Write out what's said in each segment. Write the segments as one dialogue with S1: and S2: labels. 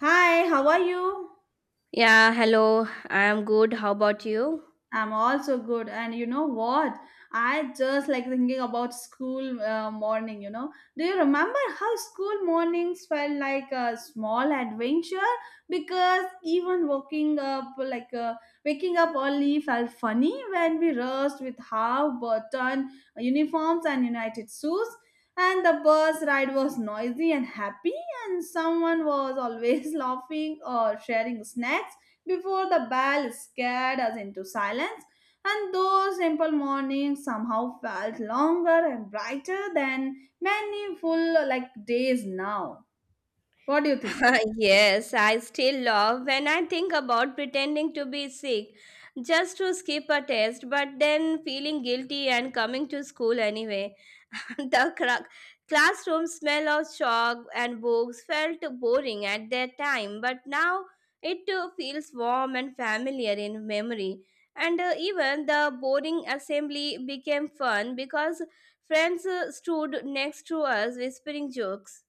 S1: Hi, how are you?
S2: Yeah, hello. I'm good. How about you?
S1: I'm also good. And you know what? I just thinking about school morning, Do you remember how school mornings felt like a small adventure? Because even waking up, waking up early felt funny when we rushed with half button uniforms and united shoes. And the bus ride was noisy and happy, and someone was always laughing or sharing snacks before the bell scared us into silence, and those simple mornings somehow felt longer and brighter than many full days now. What do you think?
S2: Yes, I still love when I think about pretending to be sick just to skip a test, but then feeling guilty and coming to school anyway. the cra- Classroom smell of chalk and books felt boring at that time, but now it feels warm and familiar in memory. And even the boring assembly became fun because friends stood next to us whispering jokes.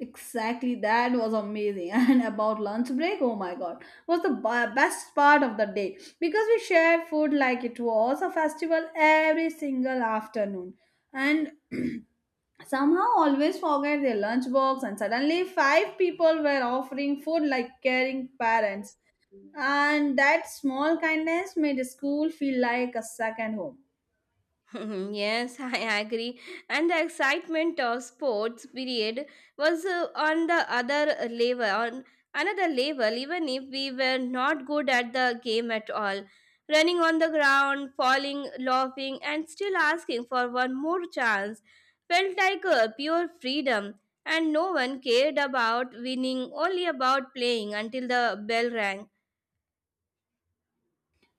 S1: Exactly, that was amazing. And about lunch break, oh my god, was the best part of the day because we shared food like it was a festival every single afternoon. And somehow always forget their lunchbox and suddenly five people were offering food like caring parents, and that small kindness made the school feel like a second home.
S2: Yes, I agree. And the excitement of sports period was on another level, even if we were not good at the game at all. Running on the ground, falling, laughing, and still asking for one more chance felt like a pure freedom. And no one cared about winning, only about playing until the bell rang.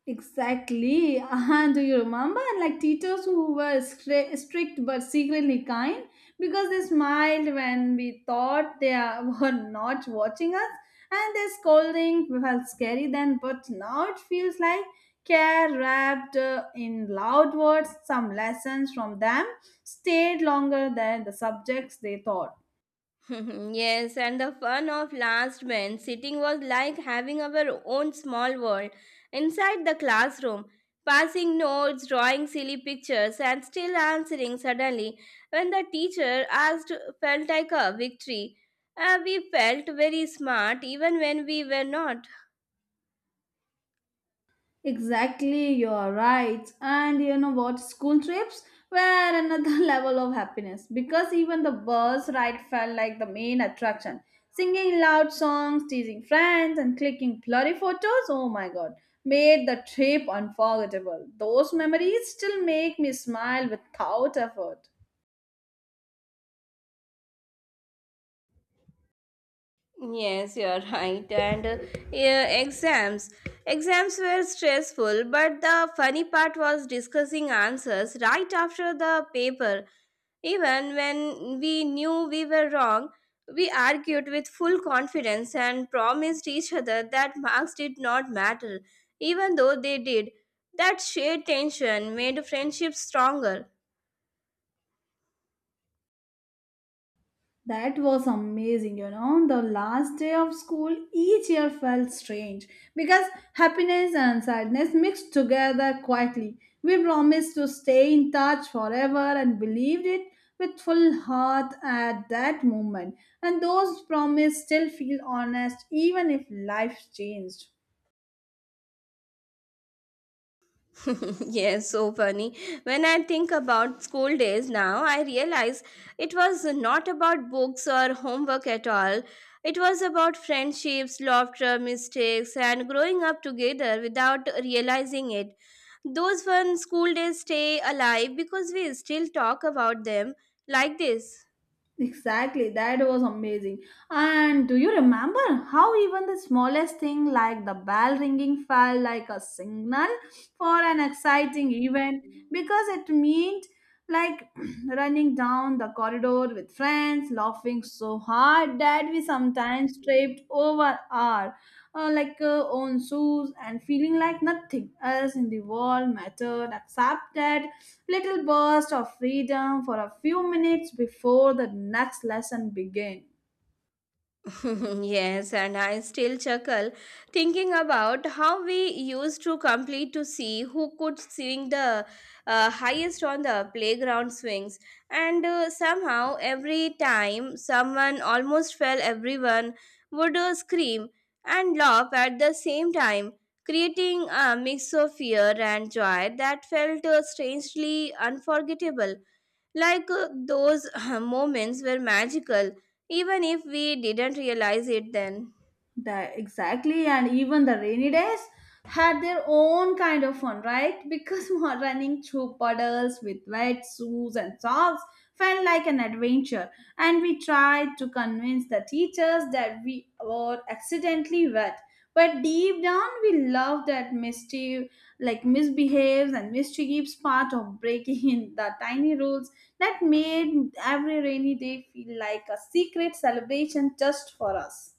S1: Exactly. And do you remember like teachers who were strict but secretly kind because they smiled when we thought were not watching us, and their scolding felt scary then, but now it feels like care wrapped in loud words. Some lessons from them stayed longer than the subjects they taught.
S2: Yes, and the fun of last bench sitting was like having our own small world inside the classroom, passing notes, drawing silly pictures, and still answering suddenly when the teacher asked felt like a victory. We felt very smart even when we were not.
S1: Exactly, you're right. And you know what? School trips were another level of happiness because even the bus ride felt like the main attraction. Singing loud songs, teasing friends, and clicking blurry photos, oh my god, made the trip unforgettable. Those memories still make me smile without effort.
S2: Yes, you're right. And yeah, exams. Exams were stressful, but the funny part was discussing answers right after the paper. Even when we knew we were wrong, we argued with full confidence and promised each other that marks did not matter, even though they did. That shared tension made friendship stronger.
S1: That was amazing, you know. The last day of school each year felt strange because happiness and sadness mixed together quietly. We promised to stay in touch forever and believed it with full heart at that moment. And those promises still feel honest even if life changed.
S2: Yes, so funny. When I think about school days now, I realize it was not about books or homework at all. It was about friendships, laughter, mistakes, and growing up together without realizing it. Those fun school days stay alive because we still talk about them like this.
S1: Exactly, that was amazing. And do you remember how even the smallest thing like the bell ringing felt like a signal for an exciting event because it meant like running down the corridor with friends, laughing so hard that we sometimes tripped over our own shoes and feeling like nothing else in the world mattered except that little burst of freedom for a few minutes before the next lesson began.
S2: Yes, and I still chuckle thinking about how we used to compete to see who could swing the highest on the playground swings. And somehow, every time someone almost fell, everyone would scream and laugh at the same time, creating a mix of fear and joy that felt strangely unforgettable. Those moments were magical, even if we didn't realize it then.
S1: That exactly, and even the rainy days had their own kind of fun, right? Because running through puddles with wet shoes and socks felt like an adventure, and we tried to convince the teachers that we were accidentally wet. But deep down, we loved that mischief, like misbehaves and mischiefs part of breaking in the tiny rules that made every rainy day feel like a secret celebration just for us.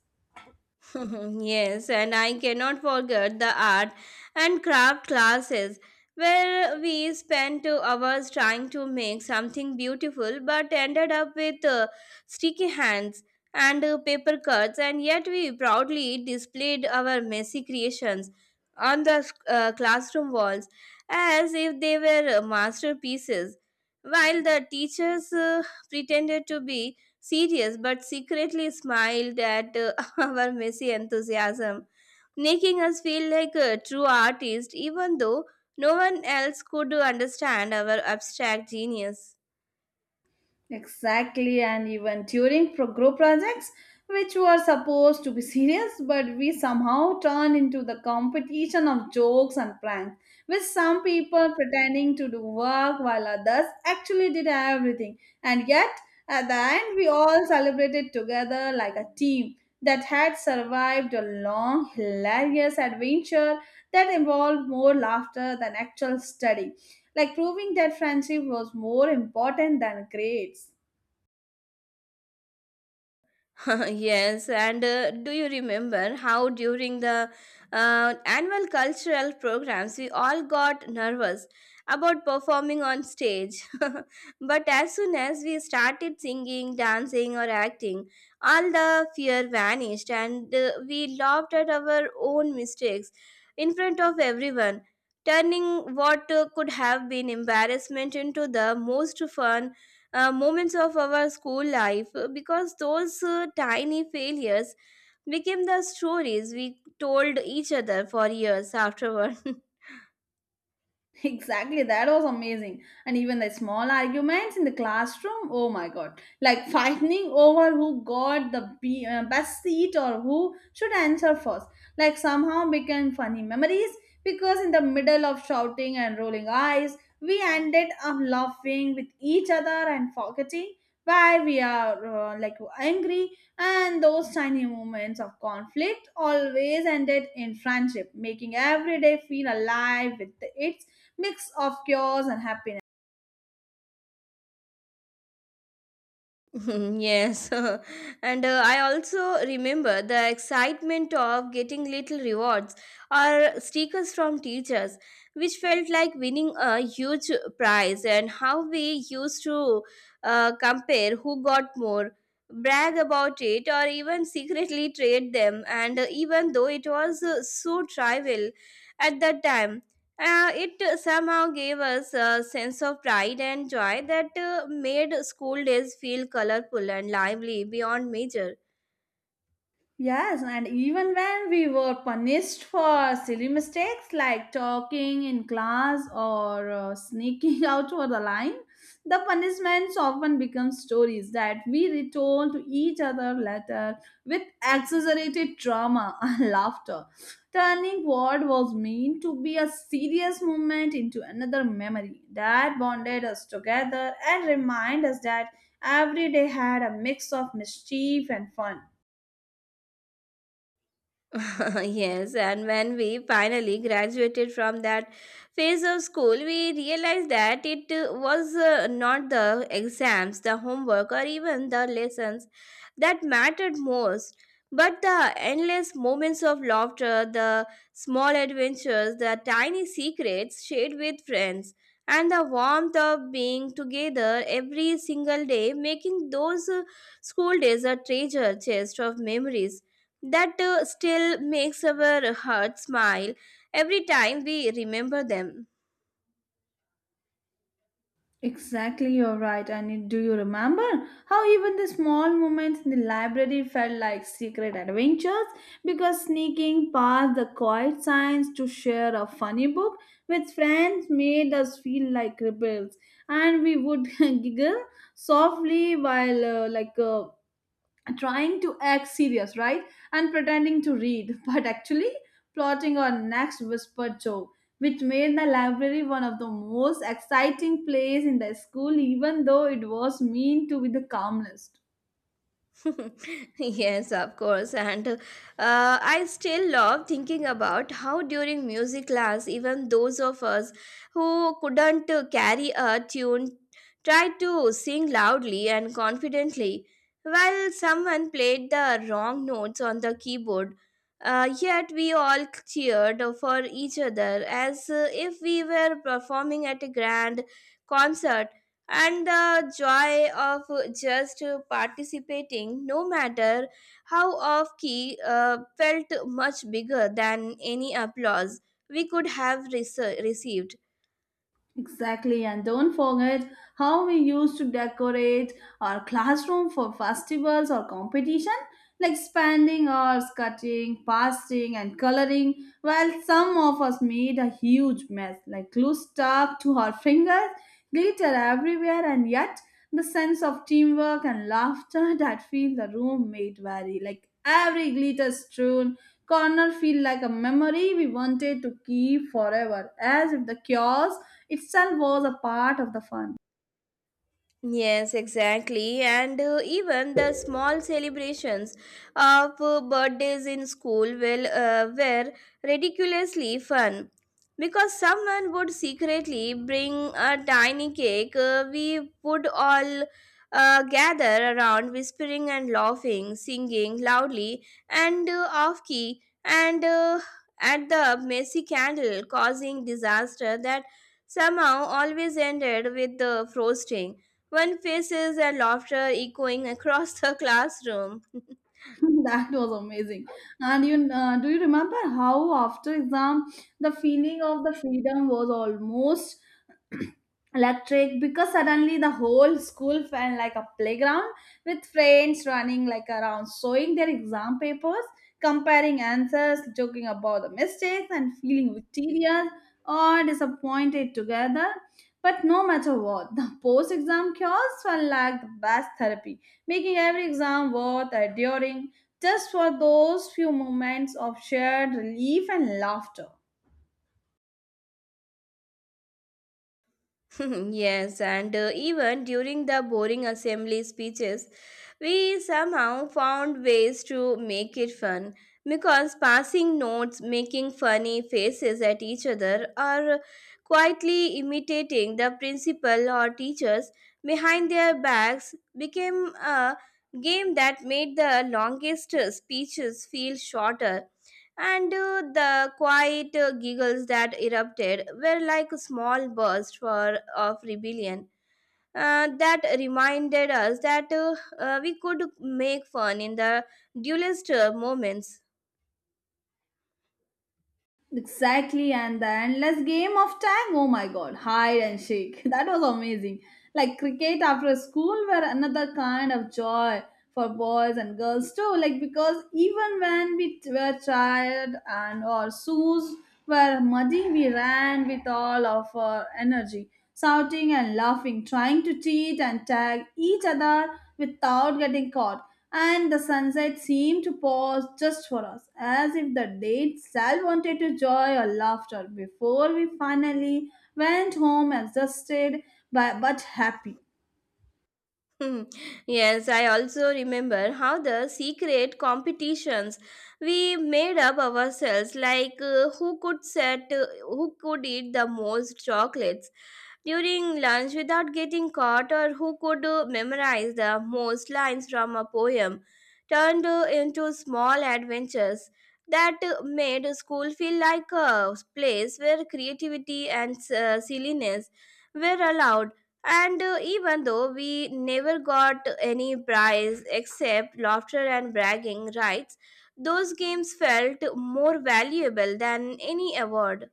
S2: Yes, and I cannot forget the art and craft classes where we spent 2 hours trying to make something beautiful but ended up with sticky hands and paper cuts, and yet we proudly displayed our messy creations on the classroom walls as if they were masterpieces, while the teachers pretended to be serious but secretly smiled at our messy enthusiasm, making us feel like a true artist even though no one else could understand our abstract genius.
S1: Exactly, and even during group projects, which were supposed to be serious, but we somehow turned into the competition of jokes and pranks, with some people pretending to do work while others actually did everything. And yet, at the end, we all celebrated together like a team that had survived a long, hilarious adventure that involved more laughter than actual study, like proving that friendship was more important than grades.
S2: Yes, and do you remember how during the annual cultural programs we all got nervous about performing on stage? But as soon as we started singing, dancing, or acting, all the fear vanished and we laughed at our own mistakes in front of everyone, turning what could have been embarrassment into the most fun moments of our school life because those tiny failures became the stories we told each other for years afterward.
S1: Exactly, that was amazing. And even the small arguments in the classroom, oh my god, like fighting over who got the best seat or who should answer first, like somehow became funny memories because in the middle of shouting and rolling eyes, we ended up laughing with each other and forgetting why we are angry, and those tiny moments of conflict always ended in friendship, making every day feel alive with its mix of chaos and happiness.
S2: Yes, and I also remember the excitement of getting little rewards or stickers from teachers, which felt like winning a huge prize, and how we used to compare who got more, brag about it, or even secretly trade them. And even though it was so trivial at that time, it somehow gave us a sense of pride and joy that made school days feel colorful and lively beyond measure.
S1: Yes, and even when we were punished for silly mistakes like talking in class or sneaking out over the line, the punishments often become stories that we retold to each other later with exaggerated trauma and laughter, turning what was meant to be a serious moment into another memory that bonded us together and reminded us that every day had a mix of mischief and fun.
S2: Yes, and when we finally graduated from that phase of school, we realized that it was not the exams, the homework, or even the lessons that mattered most, but the endless moments of laughter, the small adventures, the tiny secrets shared with friends. And the warmth of being together every single day, making those school days a treasure chest of memories that still makes our heart smile every time we remember them.
S1: Exactly, you're right. Do you remember how even the small moments in the library felt like secret adventures? Because sneaking past the quiet signs to share a funny book with friends made us feel like rebels, and we would giggle softly while trying to act serious, right? And pretending to read, but actually plotting our next whispered joke, which made the library one of the most exciting places in the school, even though it was meant to be the calmest.
S2: Yes, of course. And I still love thinking about how during music class, even those of us who couldn't carry a tune tried to sing loudly and confidently while someone played the wrong notes on the keyboard. Yet we all cheered for each other as if we were performing at a grand concert and the joy of just participating, no matter how off key, felt much bigger than any applause we could have received.
S1: Exactly, and don't forget how we used to decorate our classroom for festivals or competition, like spending hours cutting, pasting, and coloring, while some of us made a huge mess, like glue stuck to our fingers, glitter everywhere, and yet the sense of teamwork and laughter that filled the room made vary. Like every glitter strewn corner feel like a memory we wanted to keep forever, as if the chaos itself was a part of the fun.
S2: Yes, exactly. And even the small celebrations of birthdays in school were ridiculously fun because someone would secretly bring a tiny cake. We would all gather around, whispering and laughing, singing loudly and off key, and at the messy candle, causing disaster that somehow always ended with the frosting one faces and laughter echoing across the classroom.
S1: That was amazing. And you do you remember how after exam the feeling of the freedom was almost electric because suddenly the whole school felt like a playground with friends running around, showing their exam papers, comparing answers, joking about the mistakes, and feeling victorious or disappointed together, but no matter what, the post exam chaos felt like the best therapy, making every exam worth enduring just for those few moments of shared relief and laughter.
S2: Yes, and even during the boring assembly speeches, we somehow found ways to make it fun because passing notes, making funny faces at each other, or quietly imitating the principal or teachers behind their backs became a game that made the longest speeches feel shorter. And the quiet giggles that erupted were like a small burst of rebellion that reminded us that we could make fun in the dullest moments.
S1: Exactly, and the endless game of tag. Oh my god, hide and seek. That was amazing. Like cricket after school were another kind of joy for boys and girls too. Like because even when were tired and our shoes were muddy, we ran with all of our energy, shouting and laughing, trying to cheat and tag each other without getting caught. And the sunset seemed to pause just for us, as if the day itself wanted to joy or laughter before we finally went home exhausted but happy.
S2: Hmm. Yes, I also remember how the secret competitions we made up ourselves, like who could eat the most chocolates during lunch without getting caught, or who could memorize the most lines from a poem, turned into small adventures that made school feel like a place where creativity and silliness were allowed and even though we never got any prize except laughter and bragging rights, those games felt more valuable than any award.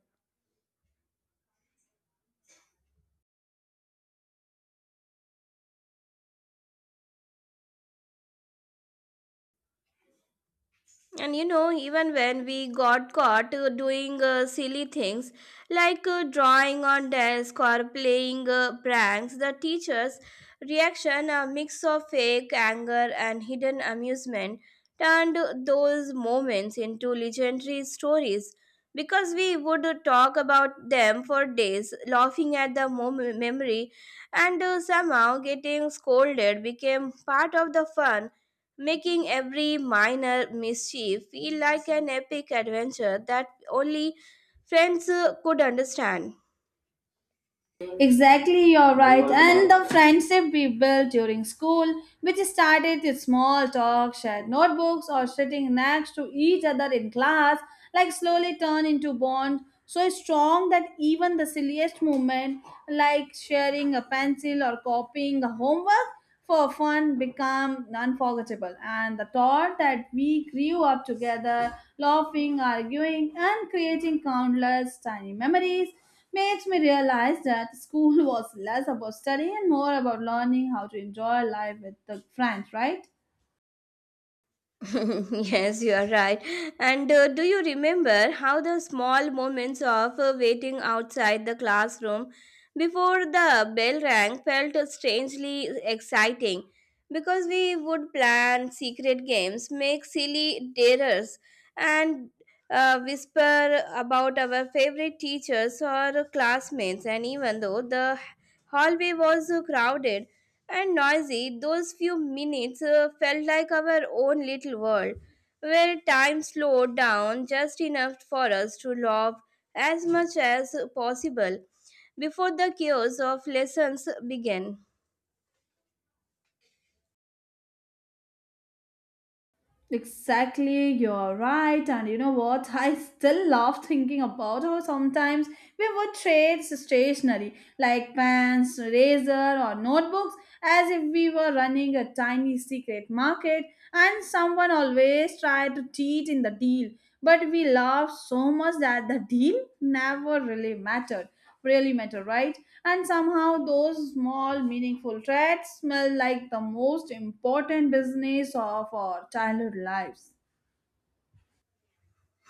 S2: And you know, even when we got caught doing silly things like drawing on desk or playing pranks, the teacher's reaction, a mix of fake anger and hidden amusement, turned those moments into legendary stories because we would talk about them for days, laughing at the memory, and somehow getting scolded became part of the fun, making every minor mischief feel like an epic adventure that only friends could understand.
S1: Exactly, you're right. And the friendship we built during school, which started with small talk, shared notebooks, or sitting next to each other in class, slowly turned into bonds so strong that even the silliest moment, like sharing a pencil or copying the homework, for fun become unforgettable, and the thought that we grew up together, laughing, arguing, and creating countless tiny memories makes me realize that school was less about studying and more about learning how to enjoy life with the friends, right?
S2: Yes, you are right. And do you remember how the small moments of waiting outside the classroom before the bell rang felt strangely exciting? Because we would plan secret games, make silly dares, and whisper about our favorite teachers or classmates. And even though the hallway was crowded and noisy, those few minutes felt like our own little world, where time slowed down just enough for us to love as much as possible before the chaos of lessons began.
S1: Exactly, you're right. And you know what? I still love thinking about how sometimes we would trade stationery like pens, razor, or notebooks as if we were running a tiny secret market, and someone always tried to cheat in the deal. But we laughed so much that the deal never really mattered really matter, right? And somehow those small, meaningful traits smell like the most important business of our childhood lives.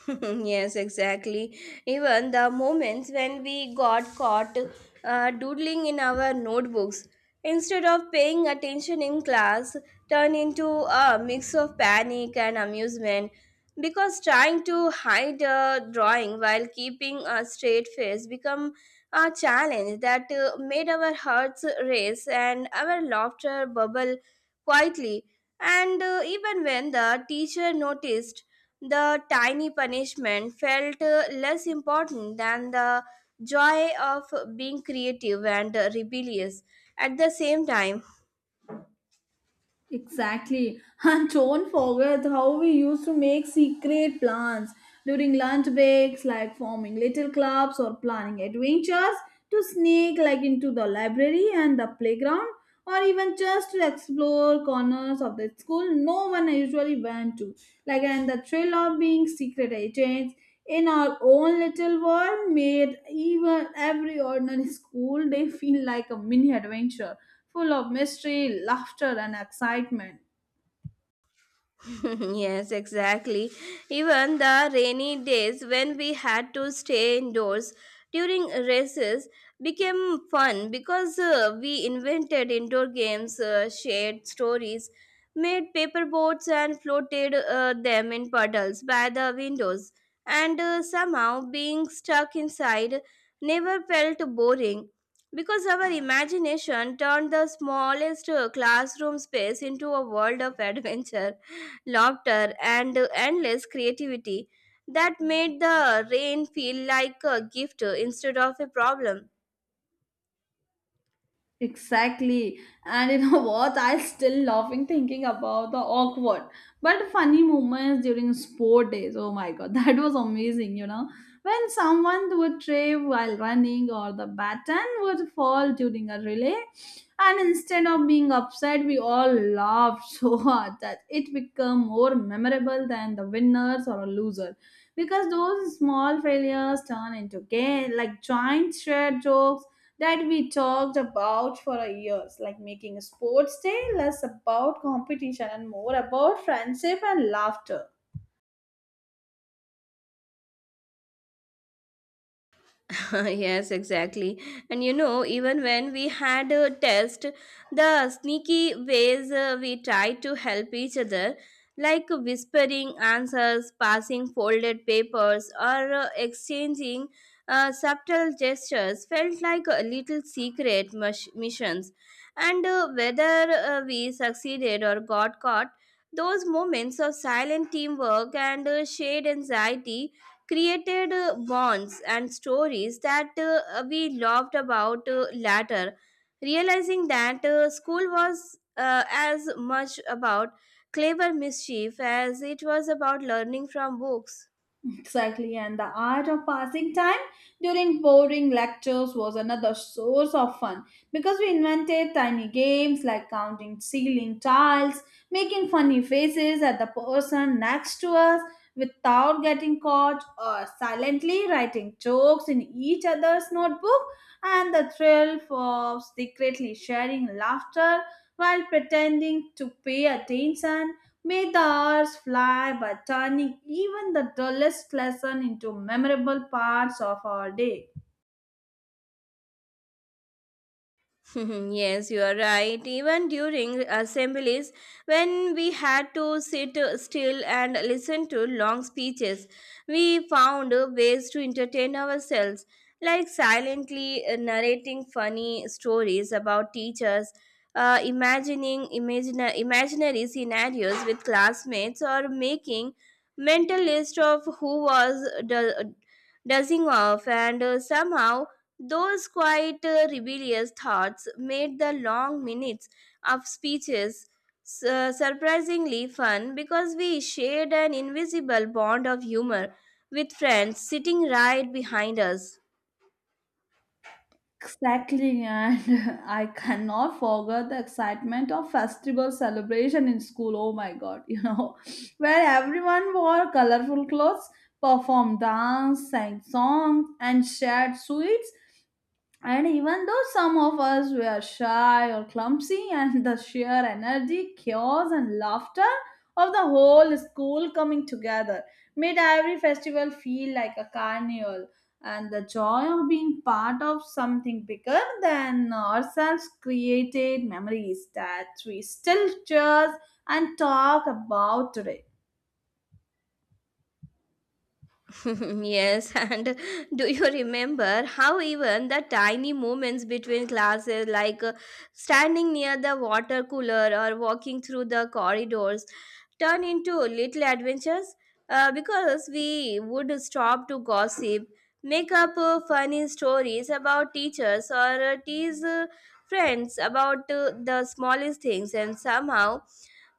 S2: Yes, exactly. Even the moments when we got caught doodling in our notebooks instead of paying attention in class turned into a mix of panic and amusement because trying to hide a drawing while keeping a straight face become a challenge that made our hearts race and our laughter bubble quietly, and even when the teacher noticed, the tiny punishment felt less important than the joy of being creative and rebellious at the same time.
S1: Exactly. And don't forget how we used to make secret plans during lunch breaks, like forming little clubs or planning adventures to sneak into the library and the playground or even just to explore corners of the school no one usually went to. And the thrill of being secret agents in our own little world made even every ordinary school day feel like a mini adventure full of mystery, laughter, and excitement.
S2: Yes, exactly. Even the rainy days when we had to stay indoors during races became fun because we invented indoor games, shared stories, made paper boats, and floated them in puddles by the windows. And somehow being stuck inside never felt boring because our imagination turned the smallest classroom space into a world of adventure, laughter, and endless creativity that made the rain feel like a gift instead of a problem.
S1: Exactly. And you know what? I still laughing thinking about the awkward but funny moments during sport days. Oh my god, that was amazing, you know. When someone would trip while running or the baton would fall during a relay. And instead of being upset, we all laughed so hard that it became more memorable than the winners or a loser. Because those small failures turn into game like giant shared jokes that we talked about for a years, like making sports day less about competition and more about friendship and laughter.
S2: Yes, exactly. And you know, even when we had a test, the sneaky ways we tried to help each other, like whispering answers, passing folded papers, or exchanging subtle gestures, felt like a little secret missions. And whether we succeeded or got caught, those moments of silent teamwork and shared anxiety created bonds and stories that we loved about later, realizing that school was as much about clever mischief as it was about learning from books.
S1: Exactly, and the art of passing time during boring lectures was another source of fun because we invented tiny games like counting ceiling tiles, making funny faces at the person next to us without getting caught, or silently writing jokes in each other's notebook, and the thrill of secretly sharing laughter while pretending to pay attention may the hours fly by, turning even the dullest lesson into memorable parts of our day.
S2: Yes, you are right. Even during assemblies, when we had to sit still and listen to long speeches, we found ways to entertain ourselves, like silently narrating funny stories about teachers, imaginary scenarios with classmates, or making mental list of who was dozing off, and somehow those quiet, rebellious thoughts made the long minutes of speeches surprisingly fun because we shared an invisible bond of humor with friends sitting right behind us.
S1: Exactly, and I cannot forget the excitement of festival celebration in school. Oh my god, you know, where everyone wore colorful clothes, performed dance, sang songs, and shared sweets. And even though some of us were shy or clumsy, and the sheer energy, chaos, and laughter of the whole school coming together made every festival feel like a carnival. And the joy of being part of something bigger than ourselves created memories that we still cherish and talk about today.
S2: Yes, and do you remember how even the tiny moments between classes, like standing near the water cooler or walking through the corridors, turn into little adventures? Because we would stop to gossip, make up funny stories about teachers, or tease friends about the smallest things, and somehow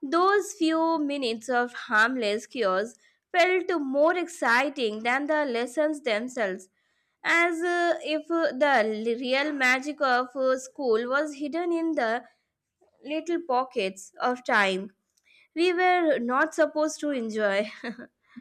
S2: those few minutes of harmless cures felt more exciting than the lessons themselves, as if the real magic of school was hidden in the little pockets of time we were not supposed to enjoy.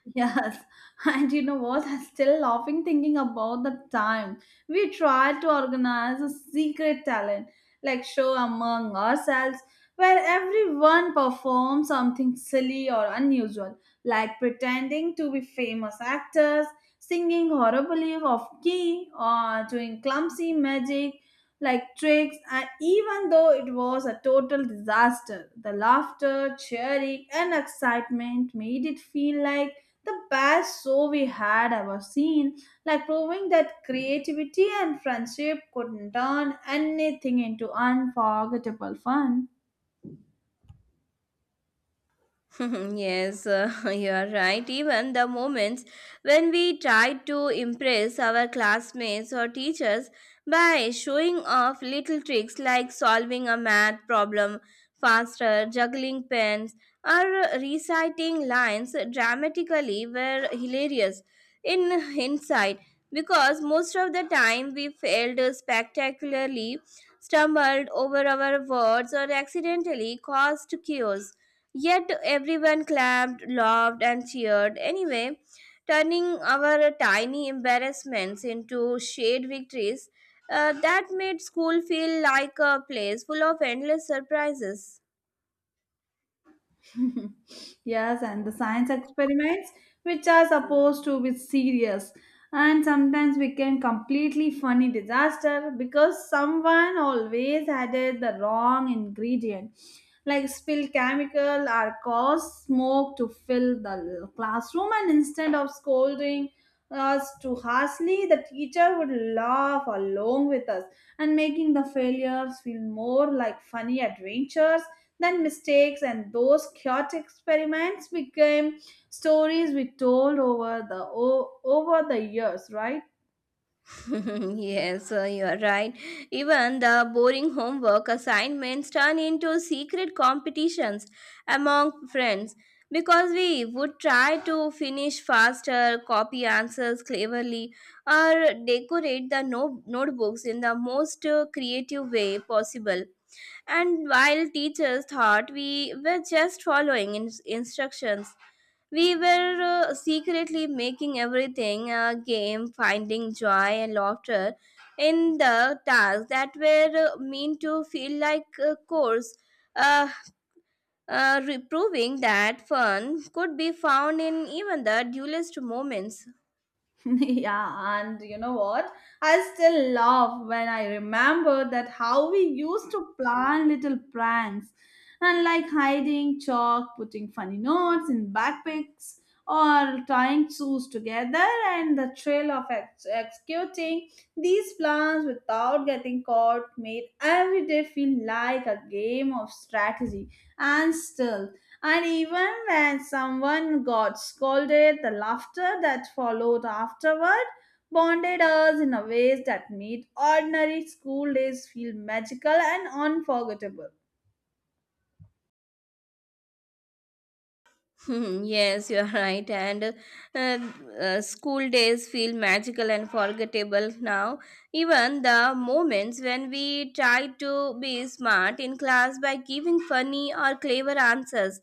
S1: Yes, and you know what? I'm still laughing thinking about the time we tried to organize a secret talent like show among ourselves, where everyone performs something silly or unusual, like pretending to be famous actors, singing horribly off key, or doing clumsy magic like tricks. And even though it was a total disaster, the laughter, cheering, and excitement made it feel like the best show we had ever seen, like proving that creativity and friendship could turn anything into unforgettable fun.
S2: Yes, you are right. Even the moments when we tried to impress our classmates or teachers by showing off little tricks like solving a math problem faster, juggling pens, or reciting lines dramatically were hilarious in hindsight because most of the time we failed spectacularly, stumbled over our words, or accidentally caused chaos. Yet everyone clapped, laughed, and cheered anyway, turning our tiny embarrassments into shared victories that made school feel like a place full of endless surprises.
S1: Yes, and the science experiments, which are supposed to be serious and sometimes became completely funny disaster because someone always added the wrong ingredient, like spilled chemical or caused smoke to fill the classroom, and instead of scolding us too harshly, the teacher would laugh along with us and making the failures feel more like funny adventures then mistakes, and those chaotic experiments became stories we told over the years, right?
S2: Yes, you are right. Even the boring homework assignments turn into secret competitions among friends because we would try to finish faster, copy answers cleverly, or decorate the notebooks in the most creative way possible. And while teachers thought we were just following instructions, we were secretly making everything a game, finding joy and laughter in the tasks that were meant to feel like a course, uh, proving that fun could be found in even the dullest moments.
S1: Yeah, and you know what? I still laugh when I remember that how we used to plan little pranks and like hiding chalk, putting funny notes in backpacks, or tying shoes together, and the thrill of executing these plans without getting caught made every day feel like a game of strategy and stealth. And even when someone got scolded, the laughter that followed afterward bonded us in a ways that made ordinary school days feel magical and unforgettable.
S2: Hmm, yes, you're right. And School days feel magical and forgettable now. Even the moments when we tried to be smart in class by giving funny or clever answers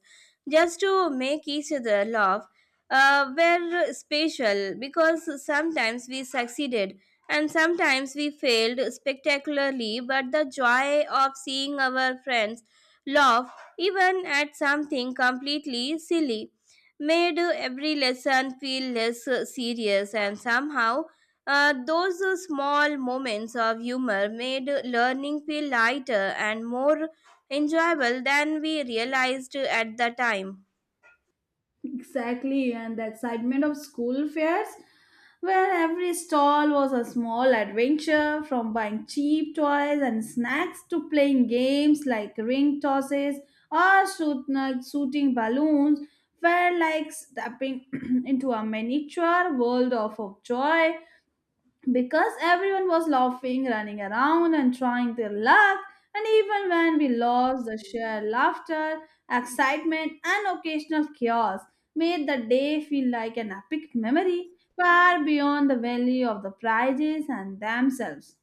S2: just to make each other laugh were special because sometimes we succeeded and sometimes we failed spectacularly. But the joy of seeing our friends laugh even at something completely silly, made every lesson feel less serious, and somehow those small moments of humor made learning feel lighter and more enjoyable than we realized at the time.
S1: Exactly, and the excitement of school fairs, where every stall was a small adventure from buying cheap toys and snacks to playing games like ring tosses or shooting balloons, felt like stepping into a miniature world of joy because everyone was laughing, running around, and trying their luck. And even when we lost, the sheer laughter, excitement, and occasional chaos made the day feel like an epic memory far beyond the value of the prizes and themselves.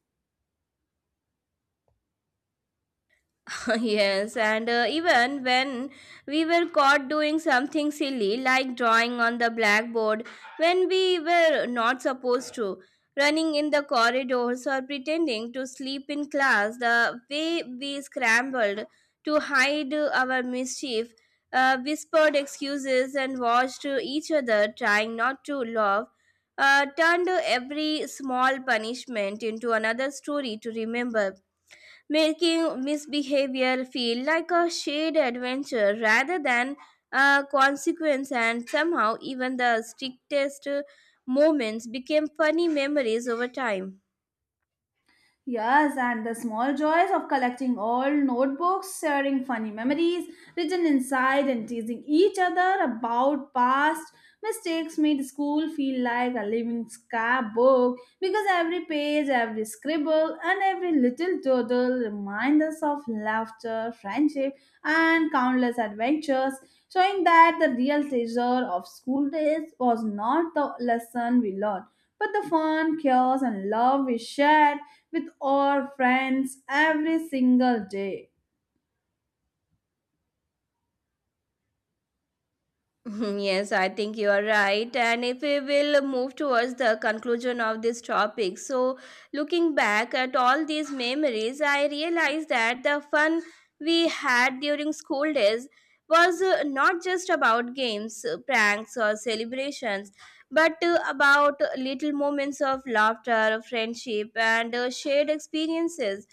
S2: Yes, and even when we were caught doing something silly like drawing on the blackboard when we were not supposed to, running in the corridors or pretending to sleep in class, the way we scrambled to hide our mischief, whispered excuses, and watched each other trying not to laugh. Turned every small punishment into another story to remember, making misbehavior feel like a shared adventure rather than a consequence. And somehow, even the strictest moments became funny memories over time.
S1: Yes, and the small joys of collecting old notebooks, sharing funny memories written inside, and teasing each other about past mistakes made school feel like a living scrapbook because every page, every scribble, and every little doodle remind us of laughter, friendship, and countless adventures, showing that the real treasure of school days was not the lesson we learned but the fun, chaos, and love we shared with our friends every single day.
S2: Yes, I think you are right. And if we will move towards the conclusion of this topic, so looking back at all these memories, I realized that the fun we had during school days was not just about games, pranks, or celebrations, but about little moments of laughter, friendship, and shared experiences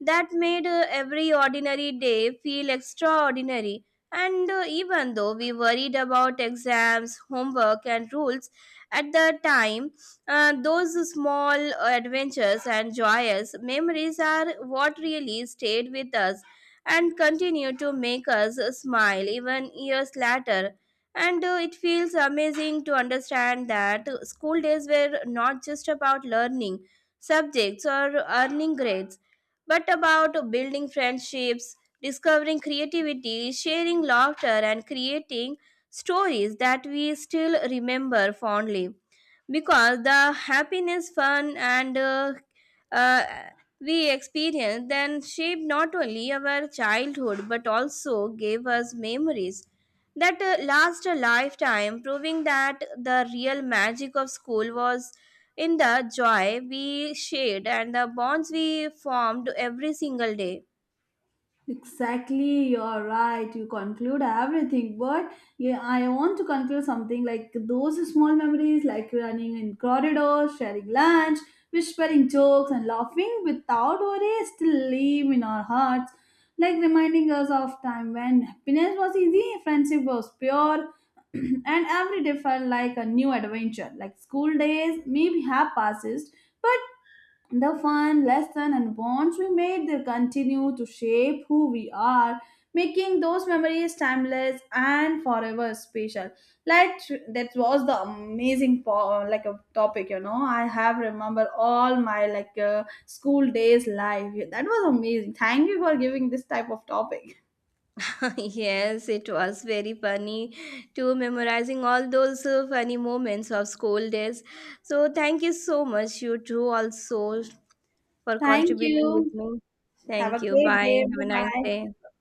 S2: that made every ordinary day feel extraordinary. And even though we worried about exams, homework, and rules at the time, those small adventures and joyous memories are what really stayed with us and continue to make us smile even years later. And it feels amazing to understand that school days were not just about learning subjects or earning grades but about building friendships, discovering creativity, sharing laughter, and creating stories that we still remember fondly because the happiness fun and uh, we experience then shaped not only our childhood but also gave us memories that last a lifetime, proving that the real magic of school was in the joy we shared and the bonds we formed every single day.
S1: Exactly, you're right. You conclude everything, but yeah, I want to conclude something like those small memories, like running in corridors, sharing lunch, whispering jokes, and laughing without worry, still live in our hearts, like reminding us of time when happiness was easy, friendship was pure, and every day felt like a new adventure. Like school days, maybe have passes, but the fun, lesson, and bonds we made they continue to shape who we are, making those memories timeless and forever special. Like that was the amazing like a topic, you know. I have remember all my like school days life. That was amazing. Thank you for giving this type of topic.
S2: Yes, it was very funny to memorizing all those funny moments of school days. So thank you so much, you two, also for
S1: Thank
S2: contributing with
S1: you.
S2: me.
S1: Have a
S2: Thank you.
S1: great
S2: Bye.
S1: day.
S2: Have
S1: Bye
S2: a nice
S1: bye.
S2: day.